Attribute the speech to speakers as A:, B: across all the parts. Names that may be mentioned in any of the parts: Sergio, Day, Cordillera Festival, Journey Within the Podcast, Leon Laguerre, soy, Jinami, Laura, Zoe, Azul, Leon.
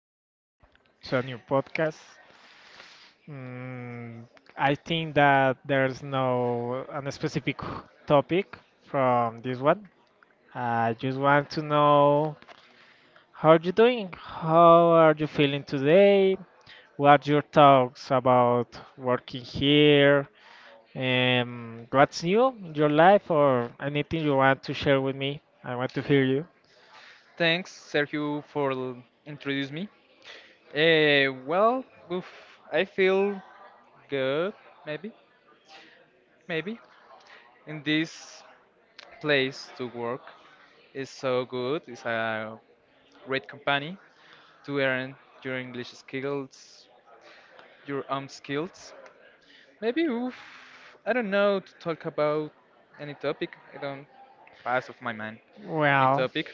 A: again to a new podcast. Mm, I think that there's no an specific topic from this one. I just want to know, how you doing? How are you feeling today? What your thoughts about working here? What's new in your life or anything you want to share with me? I want to hear you.
B: Thanks, Sergio, for introduce me. Uh, well, oof, I feel good, maybe, maybe. In this place to work is so good. It's a great company to earn your English skills, your own skills. Maybe, oof, I don't know to talk about any topic. I don't pass of my mind any
A: Well,
B: topic.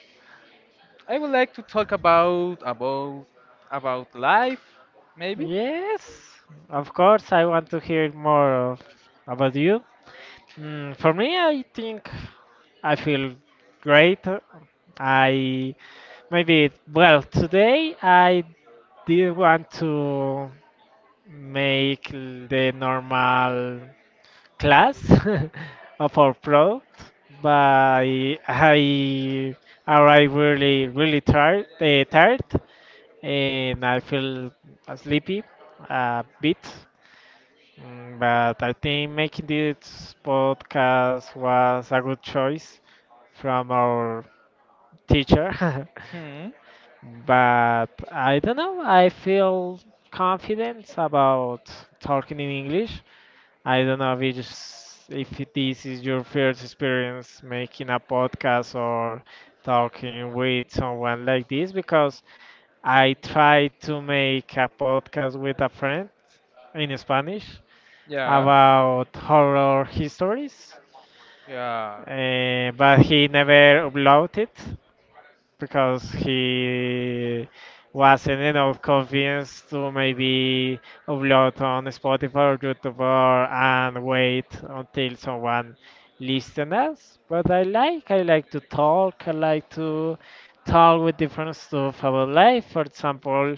B: I would like to talk about life, maybe.
A: yes, of course, I want to hear more of, about you. For me, I think I feel great. I, maybe, well, today I did want to make the normal class of our product, but I arrived really, really tired, tired, and I feel sleepy a bit. But I think making this podcast was a good choice from our teacher.
B: Hmm.
A: But I don't know, I feel confident about talking in English. I don't know if this is your first experience making a podcast or talking with someone like this, because I tried to make a podcast with a friend in Spanish
B: Yeah.
A: about horror histories,
B: Yeah.
A: but he never uploaded it because he wasn't enough convinced to maybe upload on Spotify or YouTube and wait until someone listens us. But I like to talk with different stuff about life. For example,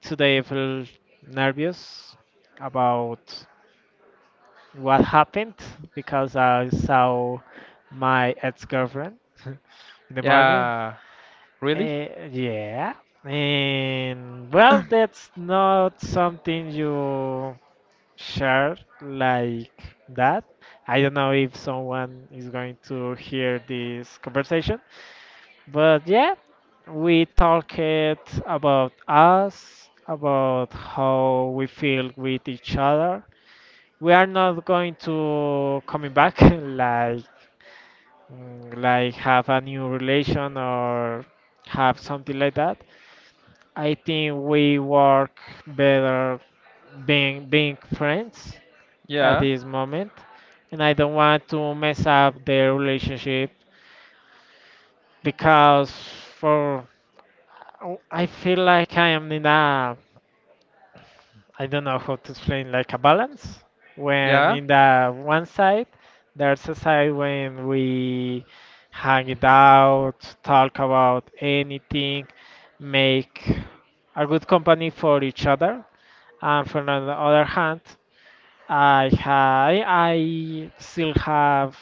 A: today I feel nervous about what happened because I saw my ex-girlfriend in the morning.
B: Yeah. Really?
A: Yeah, and well, that's not something you share like that. I don't know if someone is going to hear this conversation, but yeah, we talked about us, about how we feel with each other, we are not going to coming back like like have a new relation or have something like that. I think we work better being friends at
B: Yeah.
A: this moment, and I don't want to mess up their relationship because for I feel like I am in a, I don't know how to explain, like a balance. When
B: Yeah.
A: in the one side, there's a side when we hang it out, talk about anything, make a good company for each other. And from the other hand, I ha I still have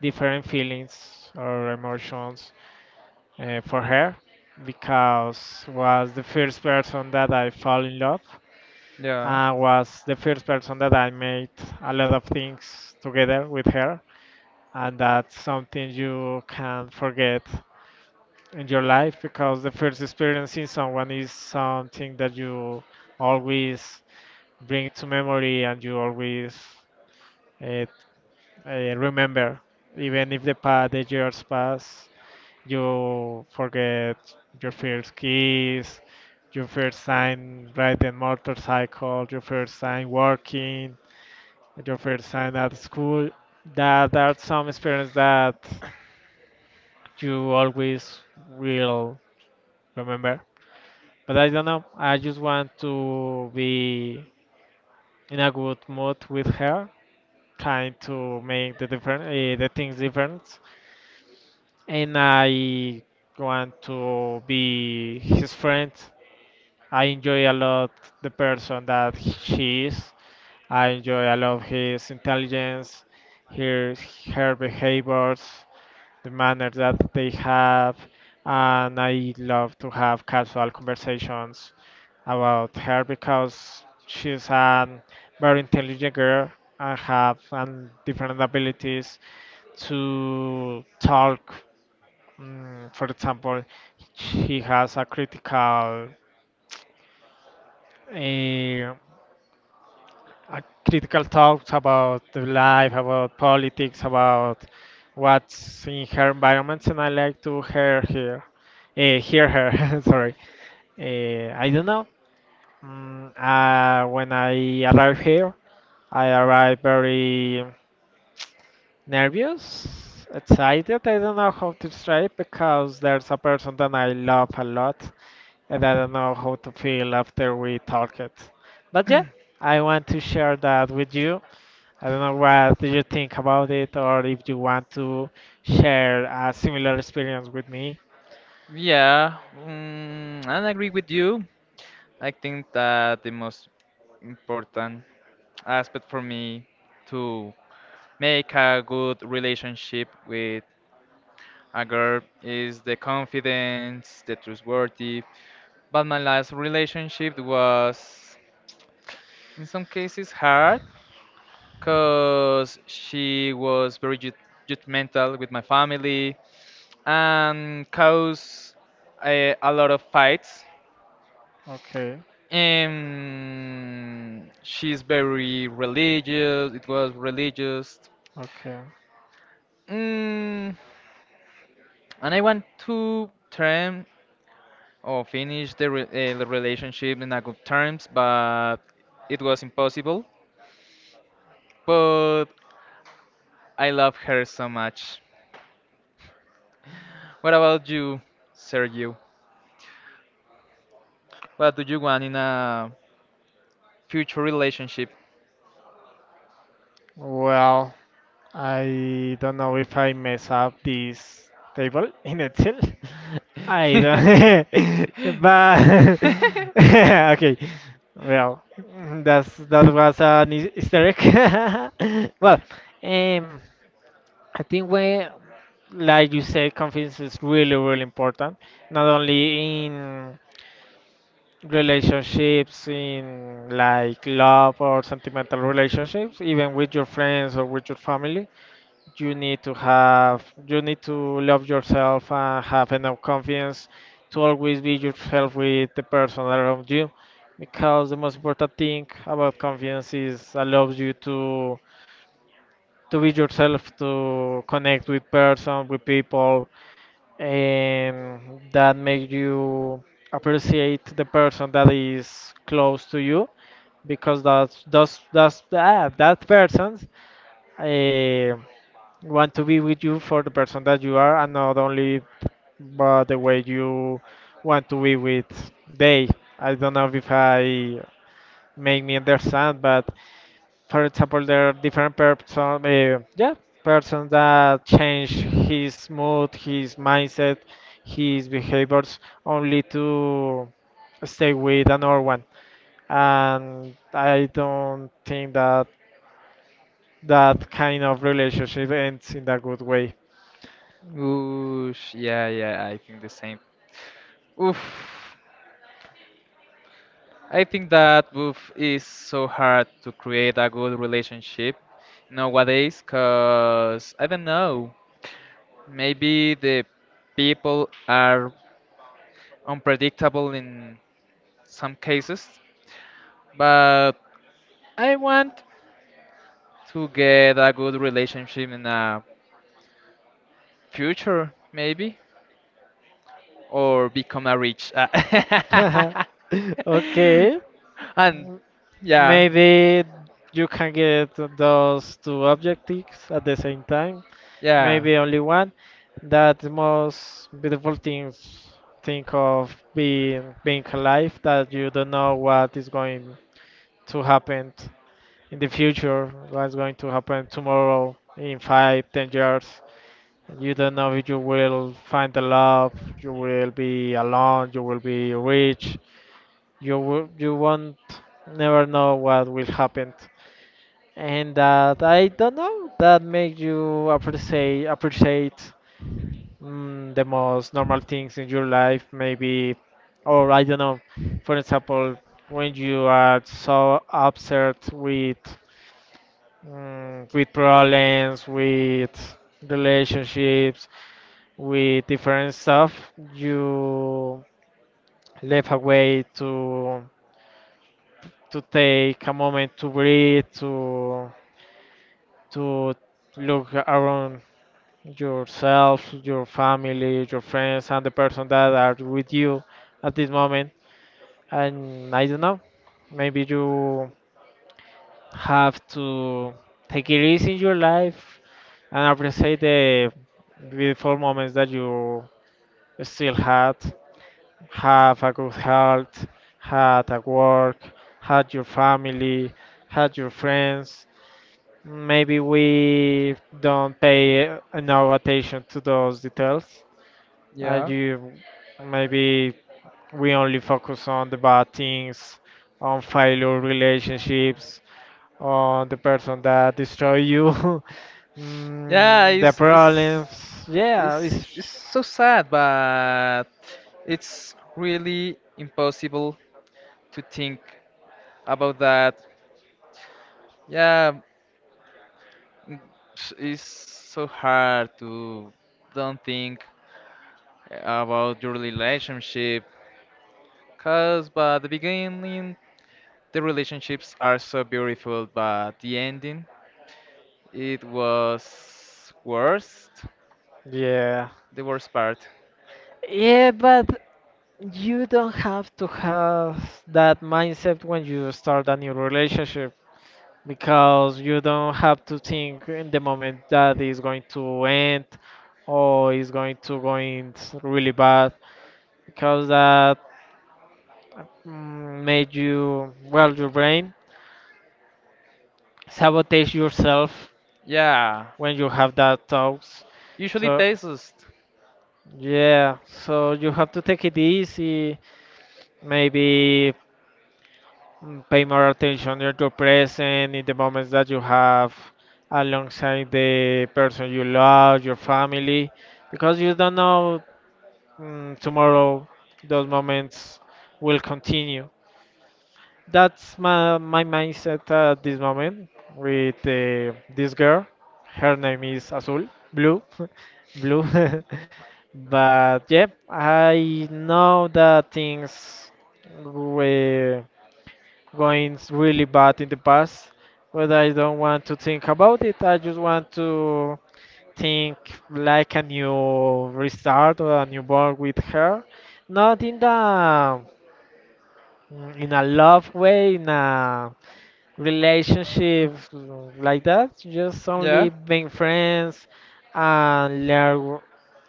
A: different feelings or emotions for her because was the first person that I fall in love.
B: Yeah.
A: Was the first person that I made a lot of things together with her. And that's something you can't forget in your life because the first experience in someone is something that you always bring to memory, and you always uh, remember. Even if the years pass, you forget your first kiss, your first time riding motorcycle, your first time working, with your first time at school, that there are some experience that you always will remember. But I don't know. I just want to be in a good mood with her, trying to make the things different. And I want to be his friend. I enjoy a lot the person that she is. I enjoy a lot his intelligence, her her behaviors, the manner that they have, and I love to have casual conversations about her because she's a very intelligent girl and have different abilities to talk. For example, she has a critical uh, uh, critical thoughts about the life, about politics, about what's in her environments, and I like to hear her. Sorry, I don't know. When I arrived here, I arrived very nervous, excited. I don't know how to describe because there's a person that I love a lot, and I don't know how to feel after we talked. But yeah, I want to share that with you. I don't know what do you think about it, or if you want to share a similar experience with me.
B: Yeah. I agree with you. I think that the most important aspect for me to make a good relationship with a girl is the confidence, the trustworthy. But my last relationship was, in some cases, hard because she was very judgmental with my family and caused a lot of fights.
A: Okay,
B: And she's very religious, it was religious.
A: okay.
B: Mm, and I want to term or finish the, the relationship in a good terms, but it was impossible. But I love her so much. What about you, Sergio? What do you want in a future relationship?
A: Well, I don't know if I mess up this table in Excel. I don't. But okay. Well, that was an Easter egg. Well, um, I think when, like you said, confidence is really, really important, not only in relationships, in like love or sentimental relationships, even with your friends or with your family. You need to have, you need to love yourself and have enough confidence to always be yourself with the person around you, because the most important thing about confidence is allows you to be yourself, to connect with person, with people that make you appreciate the person that is close to you, because that person uh, want to be with you for the person that you are, and not only but the way you want to be with they. I don't know if I make me understand, but for example, there are different person, yeah, person that change his mood, his mindset, his behaviors only to stay with another one. And I don't think that that kind of relationship ends in a good way.
B: Oosh, yeah, yeah, I think the same. Oof. I think that oof is so hard to create a good relationship nowadays, cause I don't know, maybe the people are unpredictable in some cases, but I want to get a good relationship in a future, maybe, or become a rich.
A: Okay.
B: And yeah,
A: Maybe you can get those two objectives at the same time.
B: yeah,
A: Maybe only one. That most beautiful things. Think of being alive, that you don't know what is going to happen in the future, what's going to happen tomorrow in 5, 10 years. You don't know if you will find the love, you will be alone, you will be rich. You won't never know what will happen, and that, I don't know, that make you appreciate the most normal things in your life, maybe, or I don't know. For example, when you are so upset with problems, with relationships, with different stuff, you left a way to take a moment to breathe, to to look around yourself, your family, your friends, and the person that are with you at this moment. And I don't know, maybe you have to take it easy in your life and appreciate the beautiful moments that you still had. Have a good health, had at work, had your family, had your friends. Maybe we don't pay enough attention to those details.
B: Yeah.
A: You maybe we only focus on the bad things, on failure relationships, on the person that destroy you,
B: Yeah.
A: the
B: It's it's
A: problems. Yeah,
B: it's
A: it's.
B: it's so sad, but it's really impossible to think about that. Yeah, it's so hard to don't think about your relationship, cause by the beginning the relationships are so beautiful, but the ending it was worst,
A: Yeah.
B: the worst part.
A: Yeah, but you don't have to have that mindset when you start a new relationship, because you don't have to think in the moment that it's going to end, or it's going to go in really bad, because that made you, well, your brain sabotage yourself
B: Yeah,
A: when you have that thoughts.
B: usually
A: So.
B: pesos.
A: Yeah, so you have to take it easy, maybe pay more attention to your present in the moments that you have alongside the person you love, your family, because you don't know tomorrow those moments will continue. That's my mindset at this moment with this girl. Her name is Azul, Blue, Blue. But yeah, I know that things were going really bad in the past, but I don't want to think about it. I just want to think like a new restart or a newborn with her. Not in a love way, in a relationship like that. Just
B: Yeah,
A: only being friends and learn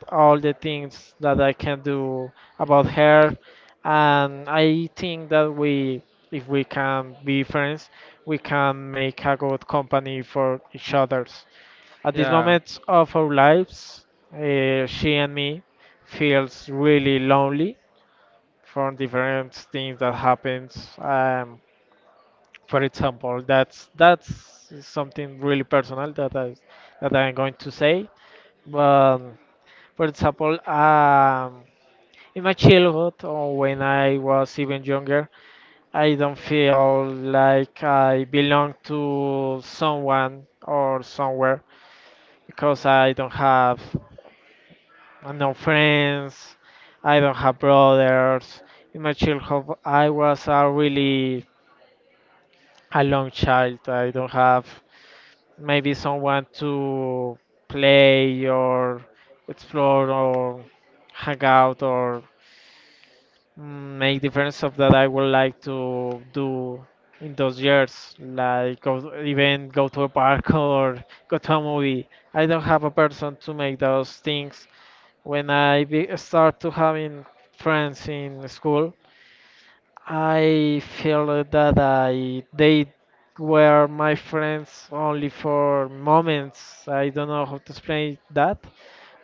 A: all the things that I can do about her. And I think that we, if we can be friends, we can make a good company for each others. At this
B: yeah,
A: moment of our lives, she and me feels really lonely from different things that happens. For example, that's something really personal that I'm going to say. But for example, in my childhood, or when I was even younger, I don't feel like I belong to someone or somewhere because I don't have no friends, I don't have brothers. In my childhood, I was a really alone child. I don't have maybe someone to play or explore or hang out or make difference of that I would like to do in those years, like even go to a park or go to a movie. I don't have a person to make those things. When I start to having friends in school, I feel that I they were my friends only for moments. I don't know how to explain that,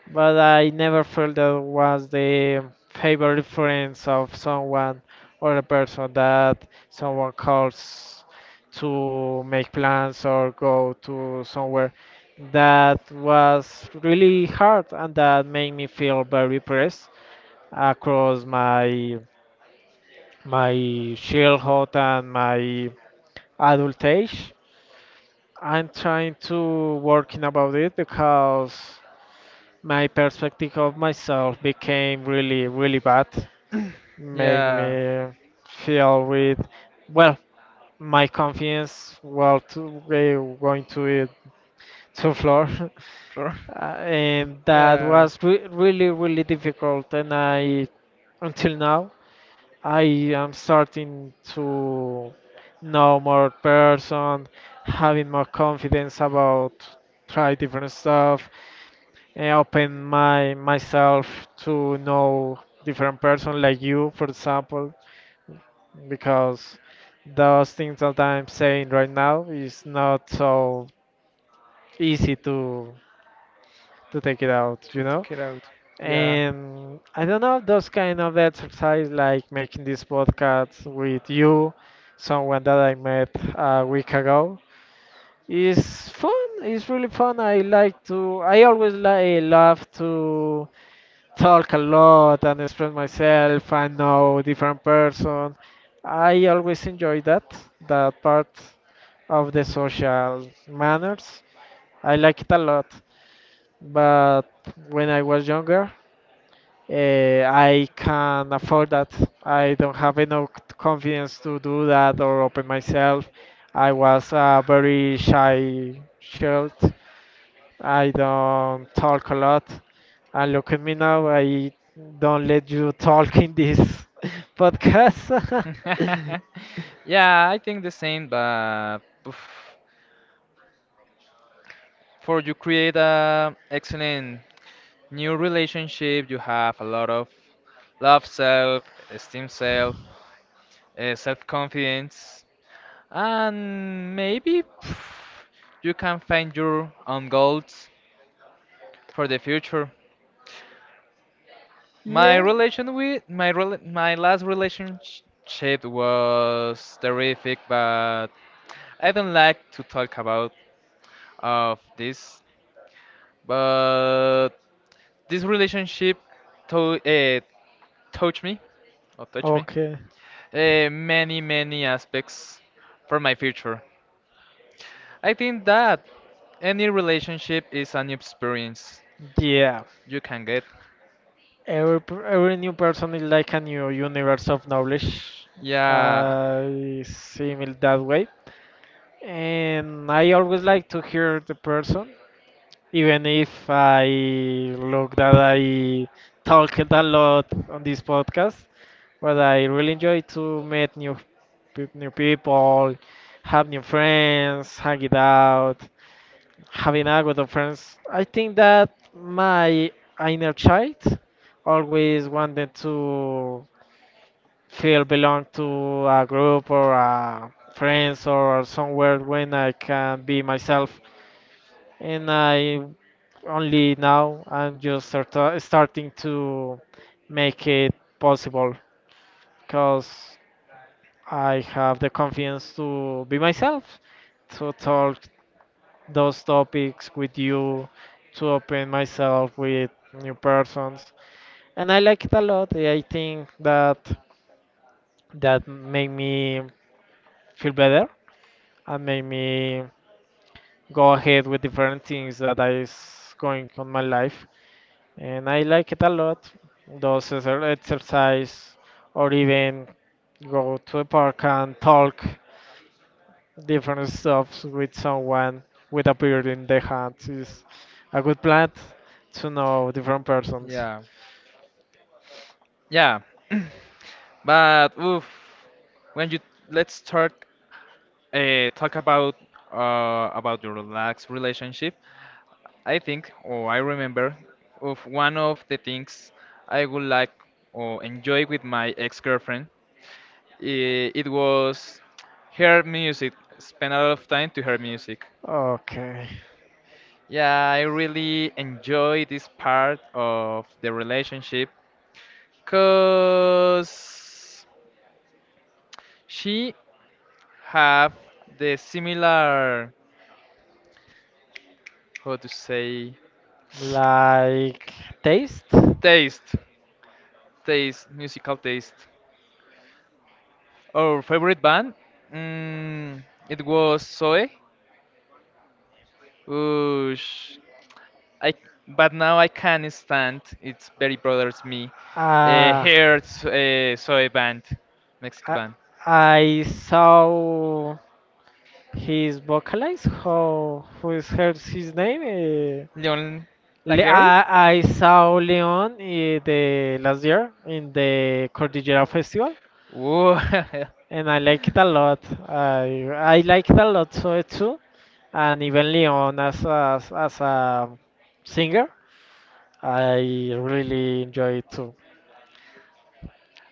A: but I never felt that was the favorite friends of someone, or a person that someone calls to make plans or go to somewhere. That was really hard, and that made me feel very pressed across my childhood and my adult age. I'm trying to working about it because my perspective of myself became really bad, made
B: yeah.
A: me feel with, well, my confidence, well, to going to it, to floor.
B: From
A: And that
B: yeah,
A: was really difficult, and I, until now, I am starting to know more person, having more confidence about try different stuff, and open my myself to know different person like you, for example, because those things that I'm saying right now is not so easy to take it, out,
B: to
A: you know?
B: take it out. Yeah.
A: And I don't know, those kind of exercise like making this podcast with you, someone that I met a week ago. It's fun. It's really fun. I like to. I always love to talk a lot and express myself. I know different person. I always enjoy that part of the social manners. I like it a lot. But when I was younger, I can afford that. I don't have enough confidence to do that or open myself. I was a very shy child. I don't talk a lot. And look at me now. I don't let you talk in this podcast.
B: yeah, I think the same, but oof, for you create a excellent new relationship, you have a lot of love self, esteem self, self confidence, and maybe pff, you can find your own goals for the future. My
A: Yeah.
B: relation with my my last relationship was terrific, but I don't like to talk about of this. But this relationship to, uh, touched me or touched me
A: Okay.
B: many many aspects for my future. I think that any relationship is an experience
A: Yeah,
B: you can get.
A: every new person is like a new universe of knowledge.
B: Yeah,
A: I see it that way, and I always like to hear the person, even if I look that I talked a lot on this podcast. But I really enjoy to meet new people, have new friends, hang it out, having a group of friends. I think that my inner child always wanted to feel belong to a group or a friends or somewhere when I can be myself. And I only now I'm just starting to make it possible because I have the confidence to be myself, to talk those topics with you, to open myself with new persons, and I like it a lot. I think that that made me feel better and made me go ahead with different things that I is going on my life, and I like it a lot, those exercise, or even go to a park and talk different stuff with someone with a beard in the hands is a good plan to know different persons.
B: yeah, yeah. But oof, when you let's start talk about your relaxed relationship. I think, or I remember, of one of the things I would like or enjoy with my ex-girlfriend. It was her music. Spend a lot of time to her music.
A: Okay.
B: Yeah, I really enjoy this part of the relationship because she have the similar how to say
A: Like taste?
B: taste, taste, musical taste. Our favorite band, it was Zoe. Whoosh. I but now I can't stand. It's very bothers me.
A: Ah.
B: Here, Zoe band, Mexican
A: I,
B: band.
A: I saw his vocalist. How who is her his name?
B: Leon Laguerre?
A: I saw Leon the last year in the Cordillera Festival.
B: Ooh.
A: And I like it a lot. I like it a lot so too. And even Leon as as a singer, I really enjoy it too.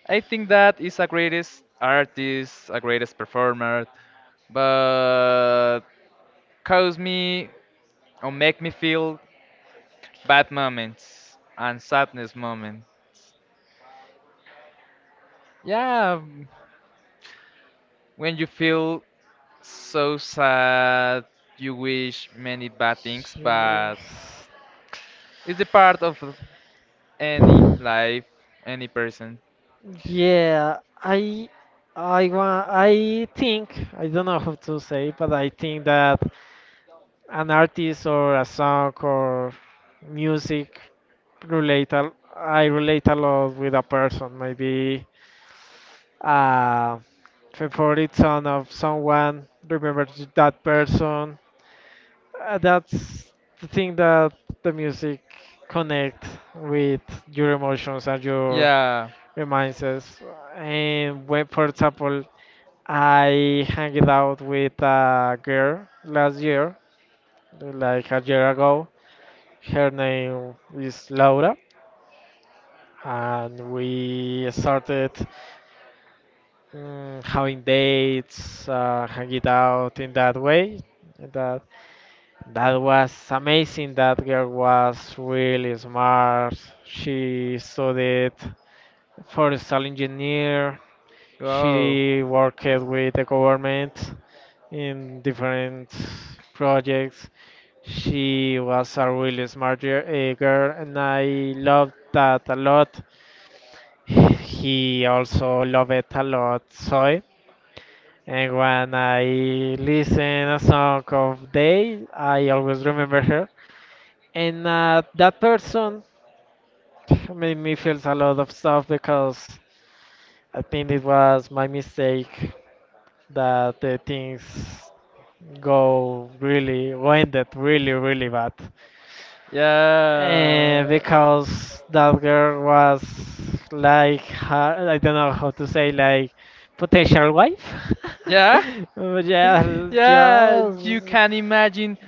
B: I think that is a greatest artist, a greatest performer, but cause me or make me feel bad moments and sadness moment. Yeah, when you feel so sad, you wish many bad things,
A: Sure.
B: but it's the part of any life, any person.
A: Yeah, I want, I think, I don't know how to say, but I think that an artist or a song or music relate I relate a lot with a person. Maybe a favorite song of someone, remember that person. That's the thing that the music connect with your emotions and your
B: Yeah.
A: reminds us. And when, for example, I hanged out with a girl last year, like a year ago, her name is Laura, and we started, mm, having dates, hanging out in that way. That that was amazing. That girl was really smart. She studied forestry engineer.
B: Wow.
A: She worked with the government in different projects. She was a really girl, and I loved that a lot. He also loved a lot soy. And when I listen a song of Day, I always remember her. And that person made me feel a lot of stuff because I think it was my mistake that the things go ended really bad.
B: Yeah.
A: Because that girl was I don't know how to say, like, potential wife.
B: Yeah.
A: But yeah,
B: Yeah. You
A: just
B: can imagine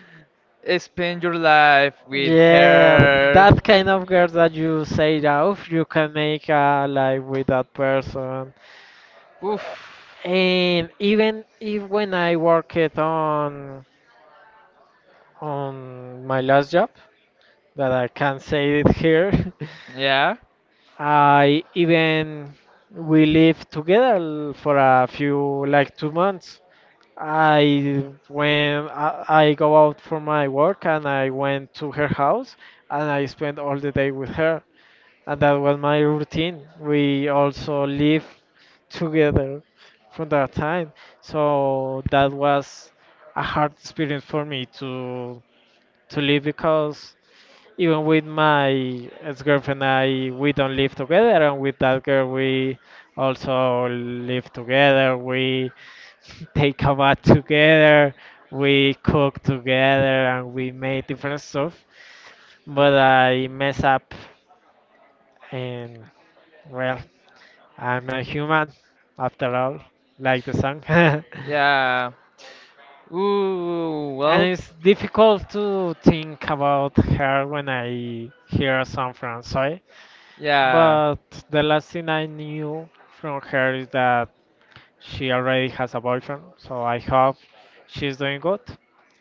B: spend your life with
A: yeah,
B: her.
A: that kind of girl that you say off, you can make a life with that person.
B: Oof.
A: And even if when I worked on my last job, that I can't say it here,
B: Yeah.
A: I even, we lived together for a few, like, 2 months. I went, I go out for my work and I went to her house and I spent all the day with her, and that was my routine. We also lived together from that time, so that was a hard experience for me to live because even with my ex-girlfriend, I we don't live together, and with that girl, we also live together. We take a bath together, we cook together, and we make different stuff, but I mess up, and, well, I'm a human after all, like the song.
B: Yeah. Ooh,
A: And
B: well,
A: it's difficult to think about her when I hear a song from soy.
B: yeah.
A: But the last thing I knew from her is that she already has a boyfriend, so I hope she's doing good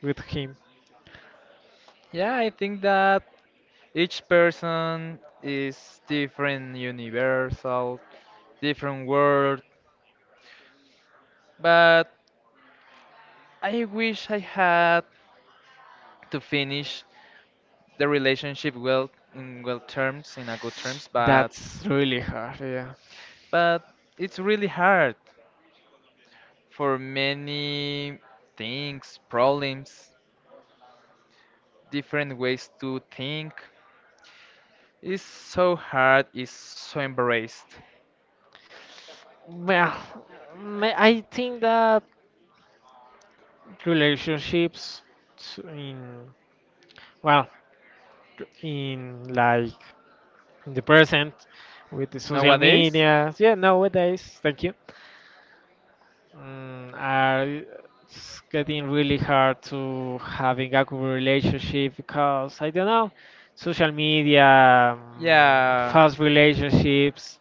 A: with him.
B: Yeah, I think that each person is different, universal, different world, but I wish I had to finish the relationship well in well terms, in a good terms,
A: That's really hard, yeah.
B: but it's really hard for many things, problems, different ways to think. It's so hard, it's so embraced.
A: Well, I think that relationships, s- in, well, in, like, in the present with the social
B: Nowadays.
A: media, yeah, nowadays, thank you. Mm, I, it's getting really hard to having a good relationship because I don't know, social media,
B: Yeah,
A: fast relationships,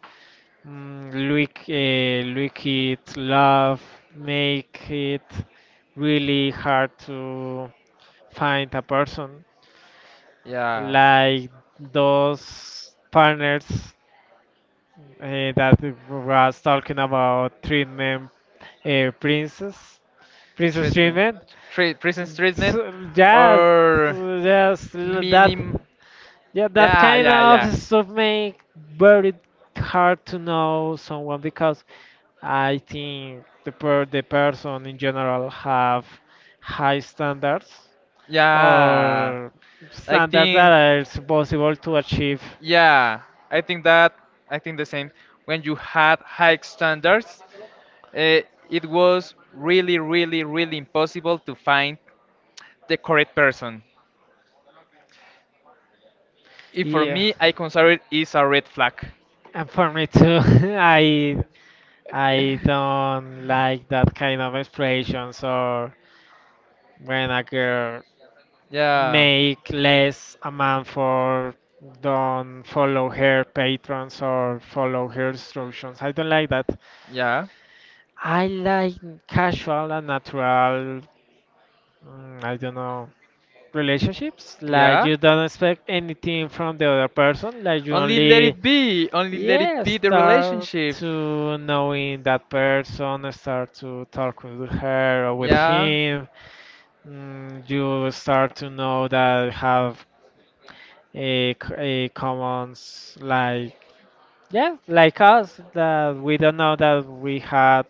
A: mm, look it, love, make it really hard to find a person
B: yeah.
A: like those partners, that was talking about treatment, princess, Princess
B: Treatment,
A: Treatment.
B: treat, prison treatment,
A: So, yeah,
B: or
A: that,
B: minim.
A: yeah, that
B: Yeah,
A: kind
B: yeah,
A: of
B: yeah,
A: stuff make very hard to know someone because I think the person in general have high standards
B: yeah.
A: or
B: I
A: standards
B: think,
A: that are it's possible to achieve.
B: yeah, I think that, I think the same. When you had high standards, uh, it was really, really, really impossible to find the correct person. If for
A: Yeah,
B: me, I consider it is a red flag.
A: and for me too. I don't like that kind of expressions, or when a girl
B: Yeah,
A: make less amount for don't follow her patrons or follow her instructions. I don't like that.
B: yeah,
A: I like casual and natural, mm, I don't know, relationships. Like,
B: yeah.
A: you don't expect anything from the other person. Like, you
B: Only let
A: only,
B: it be. Only let it
A: yeah,
B: be the
A: start
B: relationship.
A: to knowing that person, start to talk with her or with
B: Yeah,
A: him. Mm, you start to know that have a commons, like, yeah, like us, that we don't know that we had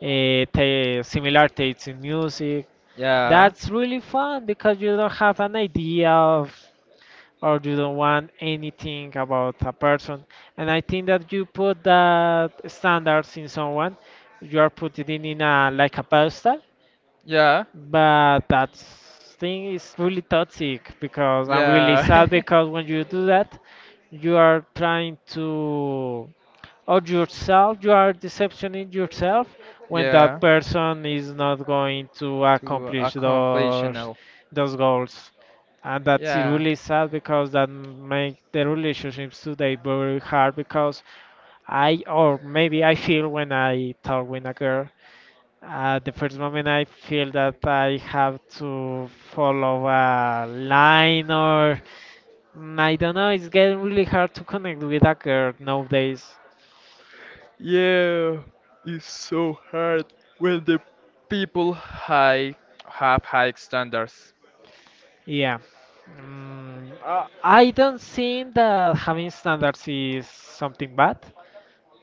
A: a ta similar tastes in music.
B: yeah,
A: That's really fun because you don't have an idea of, or you don't want anything about a person, and I think that you put that standards in someone, you are putting it in, a like, a pedestal.
B: yeah,
A: But that thing is really toxic because I'm really
B: yeah,
A: sad, because when you do that, you are trying to, or yourself, you are deceptioning yourself when
B: yeah.
A: that person is not going to
B: To a
A: accomplish
B: completional.
A: those goals. And that's
B: Yeah.
A: really sad because that make the relationships today very hard because I or maybe I feel when I talk with a girl at the first moment, I feel that I have to follow a line, or mm, I don't know. It's getting really hard to connect with a girl nowadays.
B: Yeah, it's so hard when the people high have high standards.
A: Yeah. Mm, I don't think that having standards is something bad.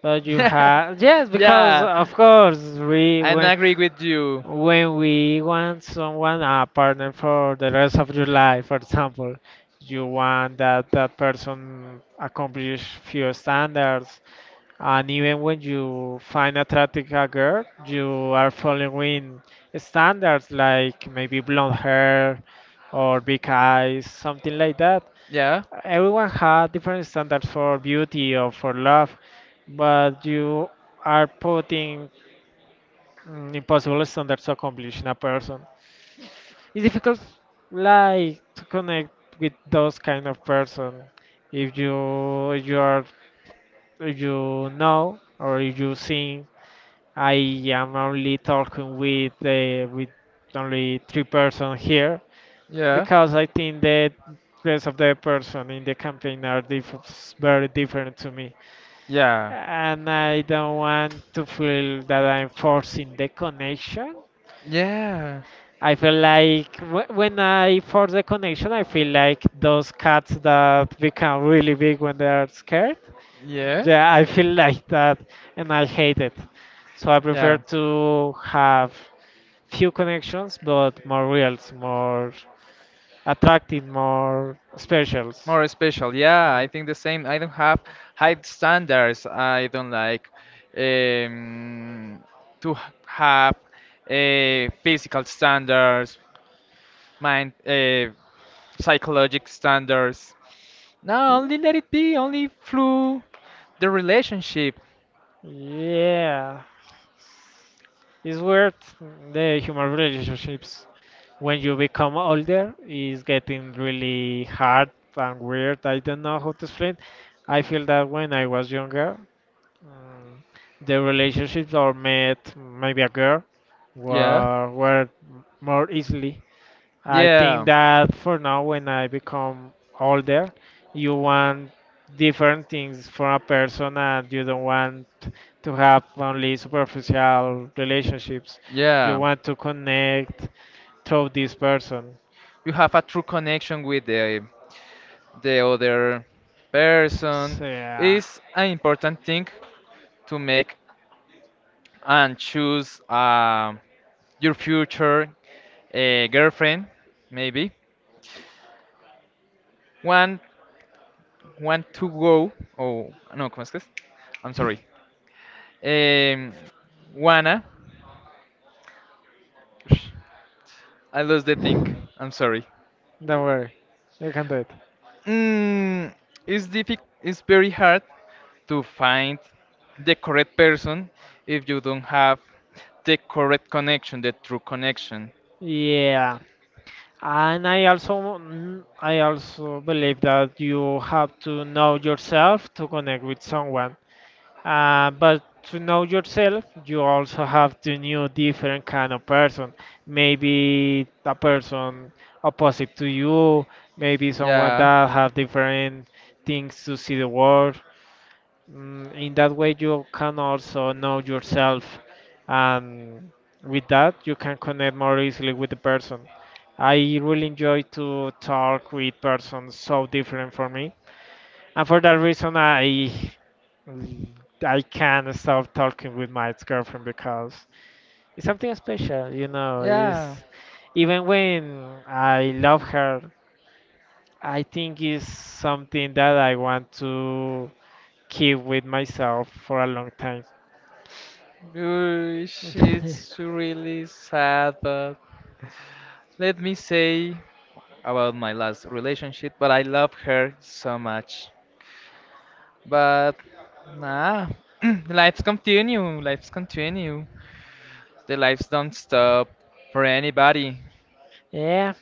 A: But you have, yes, because
B: Yeah,
A: of course, we
B: I agree with you.
A: when we want someone, a partner for the rest of your life, for example, you want that that person accomplish few standards, and even when you find attractive a girl, you are following standards like maybe blonde hair or big eyes, something like that.
B: Yeah,
A: Everyone had different standards for beauty or for love, but you are putting, mm, impossible standards to accomplish in a person. It's difficult, like, to connect with those kind of person if you are, if you know, or if you think I am only talking with only three-person here,
B: yeah.
A: because I think that rest of the person in the campaign are very different to me.
B: Yeah.
A: And I don't want to feel that I'm forcing the connection.
B: Yeah.
A: I feel like when I force the connection, I feel like those cats that become really big when they are scared.
B: Yeah.
A: Yeah, I feel like that, and I hate it. So I prefer
B: Yeah,
A: to have few connections, but more reals, more attractive, more specials.
B: more special. Yeah, I think the same. I don't have high standards. I don't like um, to h- have physical standards, mind, psychological standards. No, only let it be. Only through the relationship.
A: Yeah. It's weird the human relationships. When you become older, is getting really hard and weird. I don't know how to explain. I feel that when I was younger, mm, the relationships or met maybe a girl
B: Yeah.
A: were more easily. I think
B: Yeah.
A: that for now, when I become older, you want different things from a person, and you don't want to have only superficial relationships. You
B: Yeah.
A: want to connect through this person.
B: You have a true connection with the other person.
A: So, yeah,
B: It's an important thing to make and choose your future girlfriend, maybe. One want to go, oh no, ¿cómo es que es? I'm sorry. Em, wanna, I lost the thing. I'm sorry.
A: don't worry, you can do it.
B: Mm, it's difficult. It's very hard to find the correct person if you don't have the correct connection, the true connection.
A: Yeah. And I also, mm, I also believe that you have to know yourself to connect with someone. But to know yourself, you also have to know different kind of person. Maybe a person opposite to you. Maybe someone
B: Yeah,
A: that have different things to see the world. Mm, in that way, you can also know yourself, and with that, you can connect more easily with the person. I really enjoy to talk with persons so different from me, and for that reason, I can't stop talking with my ex-girlfriend because it's something special, you know.
B: yeah.
A: It's, even when I love her, I think it's something that I want to keep with myself for a long time.
B: Ush, it's really sad, but let me say about my last relationship. But I love her so much. But nah, lives continue. Lives continue. The lives don't stop for anybody.
A: Yeah,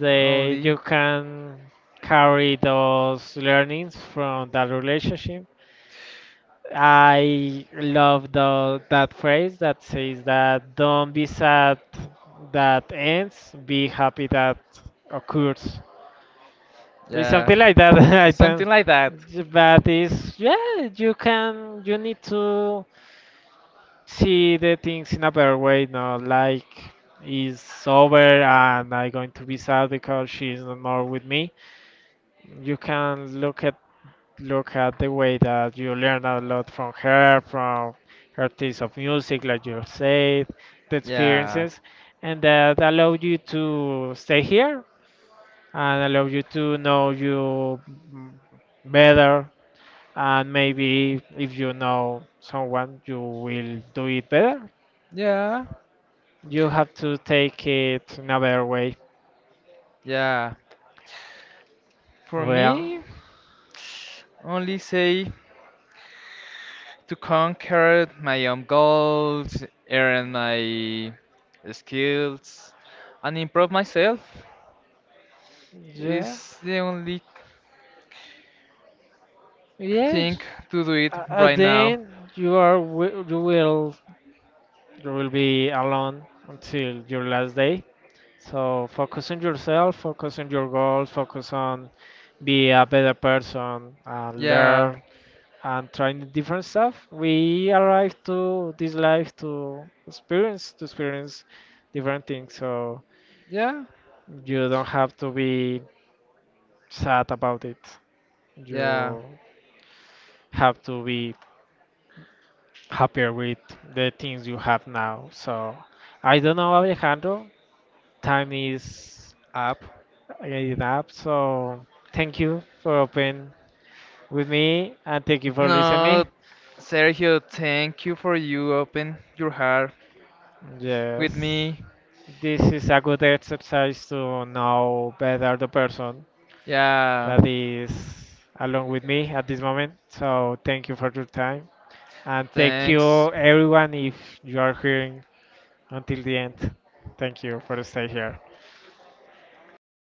A: they
B: Only
A: you can carry those learnings from that relationship. I love the that phrase that says that don't be sad that ends, be happy that occurs. It's
B: yeah,
A: something like that. I
B: it's something
A: think,
B: like that.
A: but it's, yeah, you can, you need to see the things in a better way, not like it's over and I'm going to be sad because she's no more with me. You can look at the way that you learn a lot from her taste of music, like you said, the
B: Yeah,
A: experiences, and that allow you to stay here and allow you to know you, mm, better. And maybe if you know someone, you will do it better.
B: yeah,
A: You have to take it another way.
B: yeah. For
A: Well,
B: me, only say to conquer my own goals, earn my skills, and improve myself
A: yeah,
B: is the only thing
A: yes.
B: to do it
A: A- At
B: right
A: the
B: now.
A: end, you will, you will be alone until your last day. So focus on yourself, focus on your goals, focus on be a better person, and
B: Yeah,
A: learn and trying different stuff. We arrive to this life to experience, different things. So
B: yeah.
A: you don't have to be sad about it.
B: Yeah,
A: You have to be happier with the things you have now. So I don't know, Alejandro. Time is
B: up.
A: getting up. So thank you for open with me and thank you for
B: No,
A: listening.
B: Sergio, thank you for you open your heart with
A: Yes,
B: me.
A: this is a good exercise to know better the person
B: Yeah,
A: that is along with me at this moment. So thank you for your time and thank
B: thanks
A: you everyone if you are hearing until the end. Thank you for stay here.